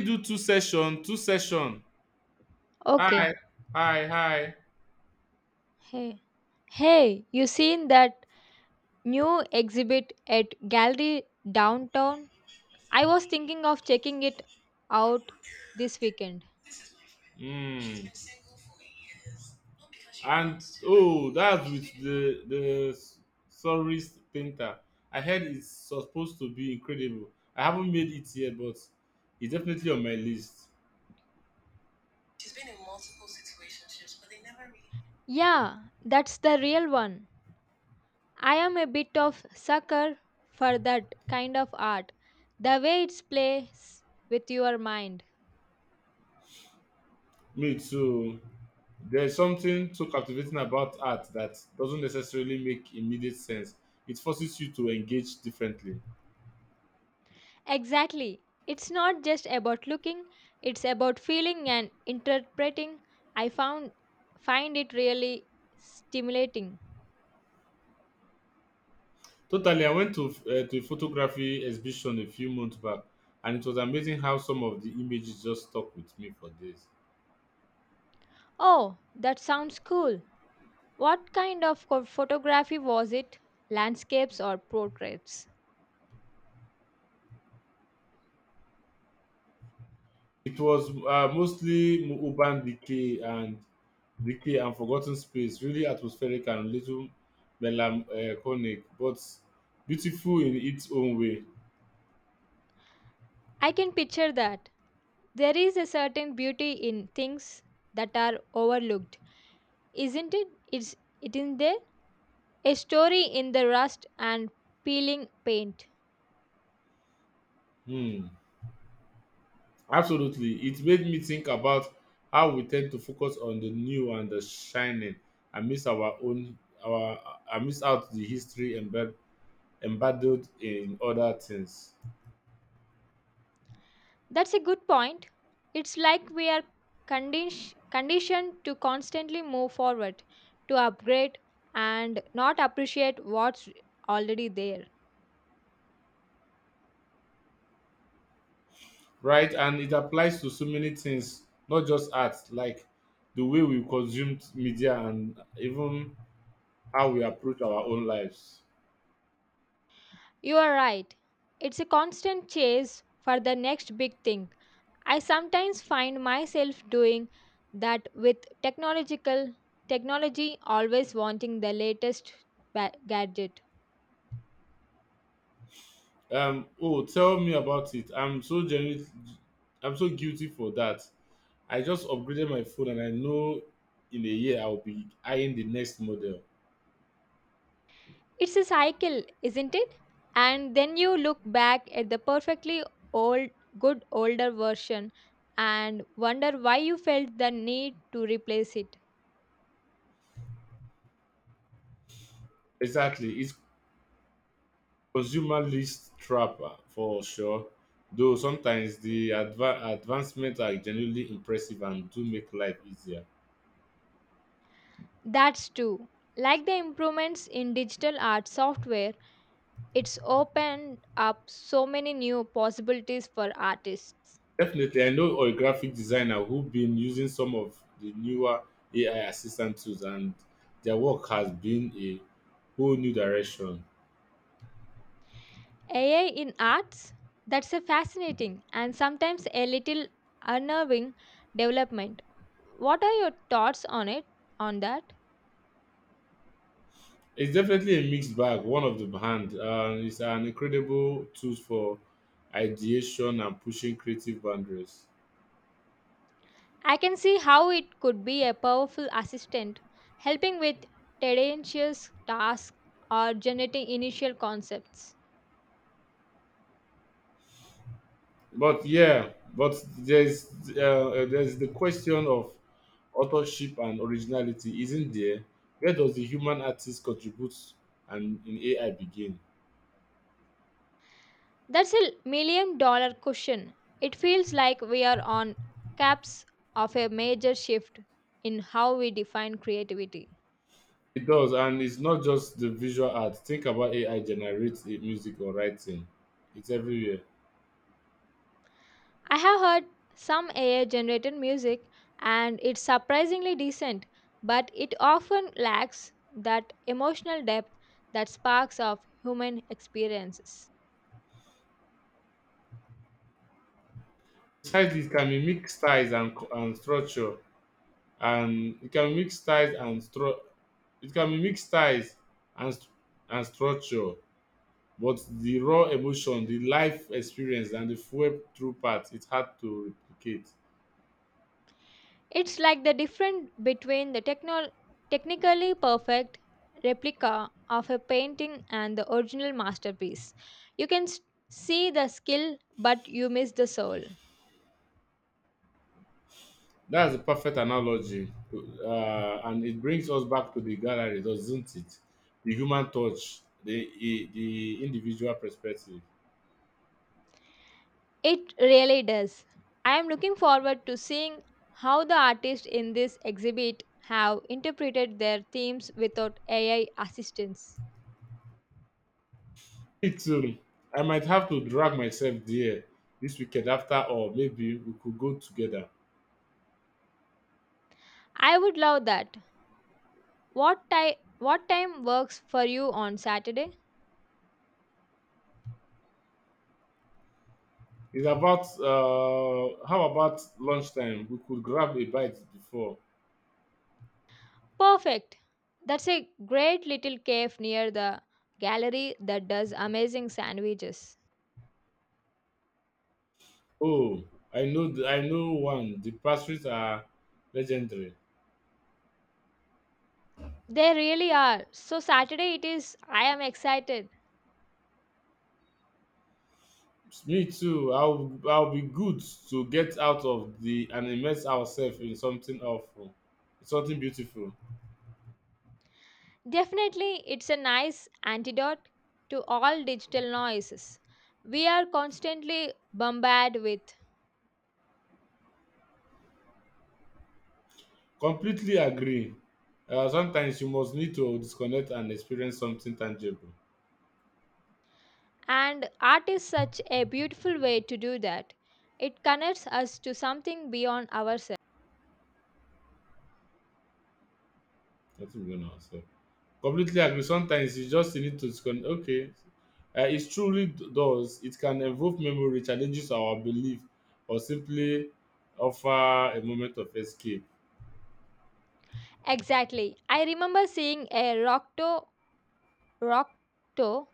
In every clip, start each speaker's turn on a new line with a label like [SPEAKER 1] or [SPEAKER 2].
[SPEAKER 1] Do two session hi
[SPEAKER 2] Okay.
[SPEAKER 1] hi.
[SPEAKER 2] Hey. Hey, you seen that new exhibit at Gallery Downtown? I was thinking of checking it out this weekend.
[SPEAKER 1] mm. And oh, that's with the surrealist painter. I heard it's supposed to be incredible. I haven't made it yet, but it's definitely on my list.
[SPEAKER 2] Yeah, that's the real one. I am a bit of sucker for that kind of art. The way it plays with your mind.
[SPEAKER 1] Me too. There's something so captivating about art that doesn't necessarily make immediate sense. It forces you to engage differently.
[SPEAKER 2] Exactly. It's not just about looking, it's about feeling and interpreting. I found find it really stimulating.
[SPEAKER 1] Totally. I went to to a photography exhibition a few months back, and it was amazing how some of the images just stuck with me for days.
[SPEAKER 2] Oh, that sounds cool. What kind of photography was it? Landscapes or portraits?
[SPEAKER 1] It was mostly urban decay and forgotten space, really atmospheric and little melancholic, but beautiful in its own way.
[SPEAKER 2] I can picture that. There is a certain beauty in things that are overlooked, isn't it? It's it in there? A story in the rust and peeling paint.
[SPEAKER 1] Hmm. Absolutely, it made me think about how we tend to focus on the new and the shining, and miss our own, our, and miss out the history embedded in other things.
[SPEAKER 2] That's a good point. It's like we are conditioned to constantly move forward, to upgrade, and not appreciate what's already there.
[SPEAKER 1] Right, and it applies to so many things, not just art, like the way we consume media and even how we approach our own lives.
[SPEAKER 2] You are right. It's a constant chase for the next big thing. I sometimes find myself doing that with technological technology, always wanting the latest gadget.
[SPEAKER 1] Oh, tell me about it. I'm so guilty for that. I just upgraded my phone, and I know in a year I'll be eyeing the next model.
[SPEAKER 2] It's a cycle, isn't it? And then you look back at the perfectly old good older version and wonder why you felt the need to replace it.
[SPEAKER 1] Exactly. It's consumer list trapper for sure, though sometimes the advancements are genuinely impressive and do make life easier.
[SPEAKER 2] That's true. Like the improvements in digital art software, it's opened up so many new possibilities for artists.
[SPEAKER 1] Definitely. I know a graphic designer who been using some of the newer AI assistant tools, and their work has been a whole new direction.
[SPEAKER 2] AI in arts? That's a fascinating and sometimes a little unnerving development. What are your thoughts on it? On that?
[SPEAKER 1] It's definitely a mixed bag. One of the hand, and it's an incredible tool for ideation and pushing creative boundaries.
[SPEAKER 2] I can see how it could be a powerful assistant, helping with tedious tasks or generating initial concepts.
[SPEAKER 1] But yeah, but there's the question of authorship and originality, isn't there? Where does the human artist contribute and in AI begin?
[SPEAKER 2] That's a million dollar question. It feels like we are on caps of a major shift in how we define creativity.
[SPEAKER 1] It does, and it's not just the visual art. Think about AI generates music or writing. It's everywhere.
[SPEAKER 2] I have heard some AI generated music and it's surprisingly decent, but it often lacks that emotional depth that sparks of human experiences.
[SPEAKER 1] Besides, it can mimic styles and structure, and it can mimic styles and stru- it can mimic styles and st- and structure. But the raw emotion, the life experience and the fuel through part, it's hard to replicate.
[SPEAKER 2] It's like the difference between the technically perfect replica of a painting and the original masterpiece. You can s- see the skill, but you miss the soul.
[SPEAKER 1] That's a perfect analogy. And it brings us back to the gallery, doesn't it? The human touch, the individual perspective.
[SPEAKER 2] It really does. I am looking forward to seeing how the artists in this exhibit have interpreted their themes without AI assistance.
[SPEAKER 1] Me too. I might have to drag myself there this weekend after all. Maybe we could go together.
[SPEAKER 2] I would love that. What time works for you on Saturday?
[SPEAKER 1] It's about, how about lunchtime? We could grab a bite before.
[SPEAKER 2] Perfect. That's a great little cave near the gallery that does amazing sandwiches.
[SPEAKER 1] Oh, I know one. The pastries are legendary.
[SPEAKER 2] They really are. So, Saturday it is. I am excited.
[SPEAKER 1] Me too. I'll be good to get out of the and immerse ourselves in something beautiful.
[SPEAKER 2] Definitely, it's a nice antidote to all digital noises we are constantly bombarded with.
[SPEAKER 1] Completely agree. Sometimes you must need to disconnect and experience something tangible.
[SPEAKER 2] And art is such a beautiful way to do that. It connects us to something beyond ourselves.
[SPEAKER 1] Nothing beyond ourselves. Completely agree. Sometimes you just need to okay. It truly does. It can evoke memory, challenges our belief, or simply offer a moment of escape.
[SPEAKER 2] Exactly. I remember seeing a Rocto Rockto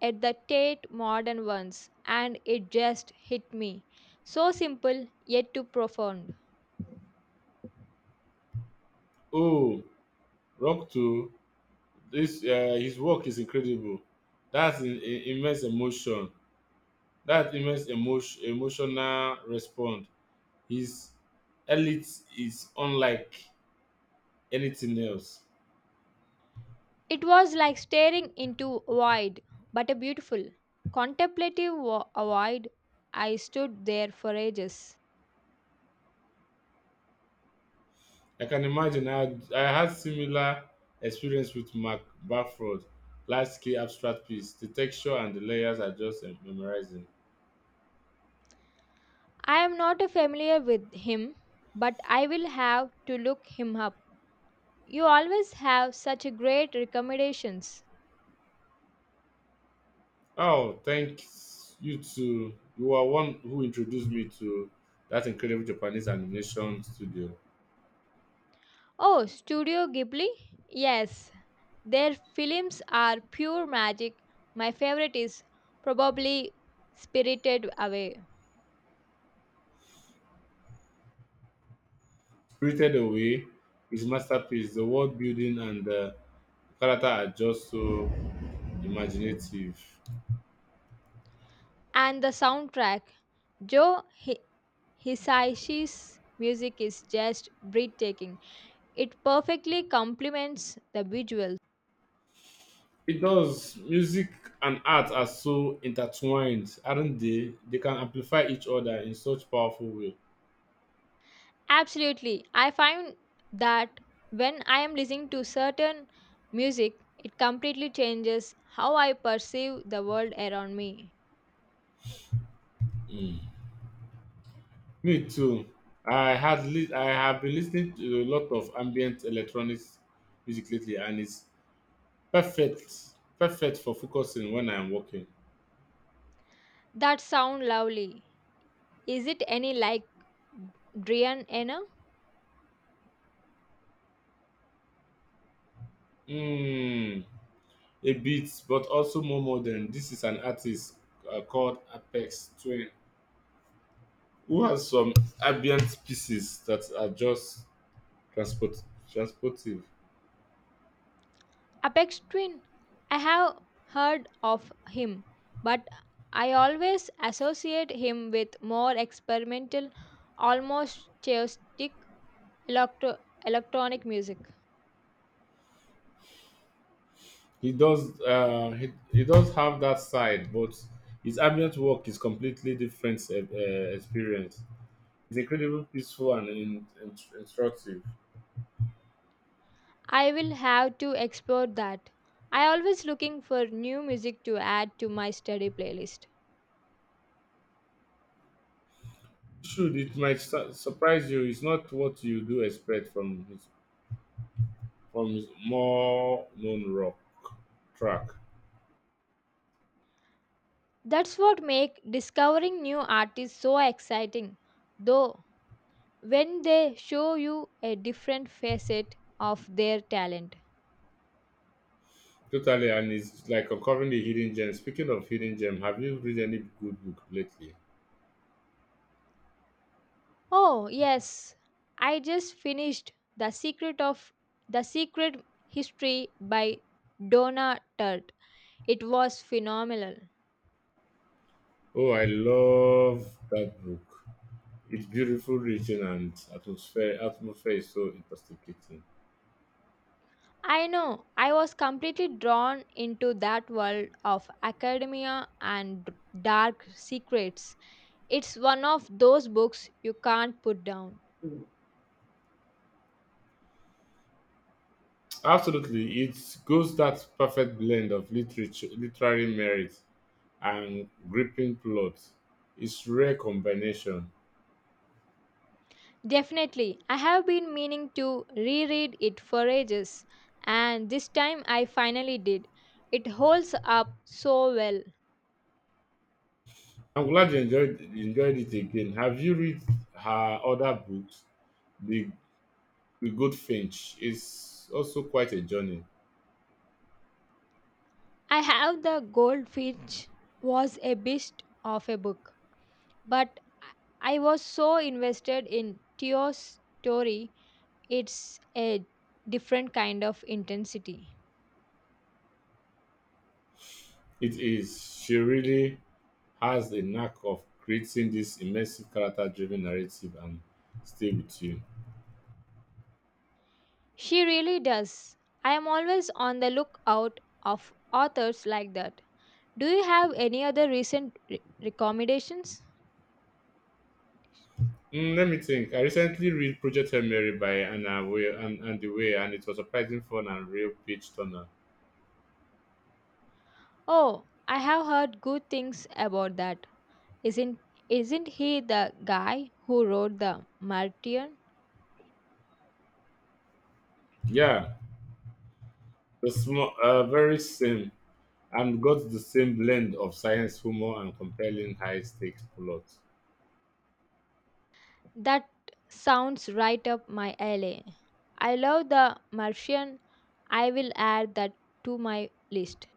[SPEAKER 2] at the Tate Modern once, and it just hit me. So simple, yet too profound.
[SPEAKER 1] Oh, Rock Two, this his work is incredible. That's immense emotion. That immense emotional response. His elite is unlike anything else.
[SPEAKER 2] It was like staring into void, but a beautiful, contemplative void. I stood there for ages.
[SPEAKER 1] I can imagine. I had similar experience with Mark Bafford, large scale abstract piece. The texture and the layers are just memorizing.
[SPEAKER 2] I am not familiar with him, but I will have to look him up. You always have such a great recommendations.
[SPEAKER 1] Oh, thanks you to you are one who introduced me to that incredible Japanese animation studio.
[SPEAKER 2] Oh, Studio Ghibli? Yes, their films are pure magic. My favorite is probably Spirited Away.
[SPEAKER 1] Spirited Away, his masterpiece. The world building and the character are just so imaginative.
[SPEAKER 2] And the soundtrack, Joe Hi- Hisayashi's music is just breathtaking. It perfectly complements the visuals.
[SPEAKER 1] It does. Music and art are so intertwined, aren't they? They can amplify each other in such powerful way.
[SPEAKER 2] Absolutely. I find that when I am listening to certain music, it completely changes how I perceive the world around me.
[SPEAKER 1] Mm. Me too. I have been listening to a lot of ambient electronic music lately, and it's perfect, perfect for focusing when I am working.
[SPEAKER 2] That sound lovely. Is it any like Drian Enna?
[SPEAKER 1] Mm, a bit, but also more modern. This is an artist called Apex Twin, who has some ambient pieces that are just transport transportive.
[SPEAKER 2] Apex Twin. I have heard of him, but I always associate him with more experimental, almost chaotic electro- electronic music.
[SPEAKER 1] He does. He does have that side, but his ambient work is completely different experience. It's incredibly peaceful and instructive.
[SPEAKER 2] I will have to explore that. I always looking for new music to add to my study playlist.
[SPEAKER 1] Should it might surprise you? It's not what you do expect from his more known rock track.
[SPEAKER 2] That's what make discovering new artists so exciting. Though when they show you a different facet of their talent.
[SPEAKER 1] Totally, and it's like uncovering the hidden gem. Speaking of hidden gem, have you read any good book lately?
[SPEAKER 2] Oh, yes. I just finished The Secret of The Secret History by Donna Tart. It was phenomenal.
[SPEAKER 1] Oh, I love that book. It's beautiful written and atmosphere is so intoxicating.
[SPEAKER 2] I know. I was completely drawn into that world of academia and dark secrets. It's one of those books you can't put down.
[SPEAKER 1] Absolutely, it goes that perfect blend of literature, literary merit and gripping plot. It's rare combination.
[SPEAKER 2] Definitely, I have been meaning to reread it for ages, and this time I finally did. It holds up so well.
[SPEAKER 1] I'm glad you enjoyed it again. Have you read her other books? The The Good Finch is also quite a journey.
[SPEAKER 2] I have the Goldfinch was a beast of a book, but I I was so invested in Theo's story. It's a different kind of intensity.
[SPEAKER 1] It is. She really has a knack of creating this immersive character-driven narrative and stay with you.
[SPEAKER 2] She really does. I am always on the lookout of authors like that. Do you have any other recent recommendations?
[SPEAKER 1] Mm, let me think. I recently read Project Hail Mary by Anna Way and it was surprising fun and real pitch turner.
[SPEAKER 2] Oh, I have heard good things about that. Isn't isn't he the guy who wrote the Martian?
[SPEAKER 1] Yeah, the small, very same, and got the same blend of science, humor, and compelling high stakes plot.
[SPEAKER 2] That sounds right up my alley. I love the Martian. I will add that to my list.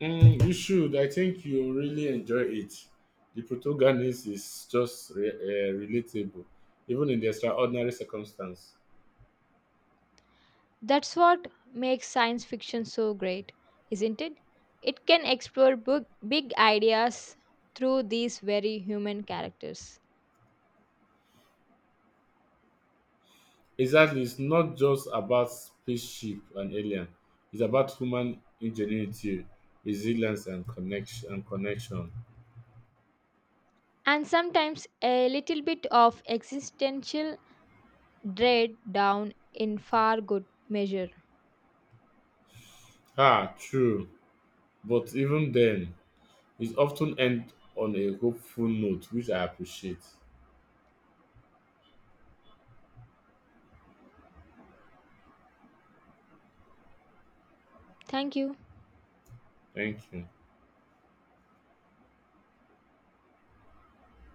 [SPEAKER 1] Mm, you should. I think you'll really enjoy it. The protagonist is just relatable, even in the extraordinary circumstance.
[SPEAKER 2] That's what makes science fiction so great, isn't it? It can explore big, big ideas through these very human characters.
[SPEAKER 1] Exactly. It's not just about spaceship and alien. It's about human ingenuity, resilience, and connection.
[SPEAKER 2] And sometimes a little bit of existential dread down in far good measure.
[SPEAKER 1] Ah, true. But even then, it often ends on a hopeful note, which I appreciate.
[SPEAKER 2] Thank you.
[SPEAKER 1] Thank you.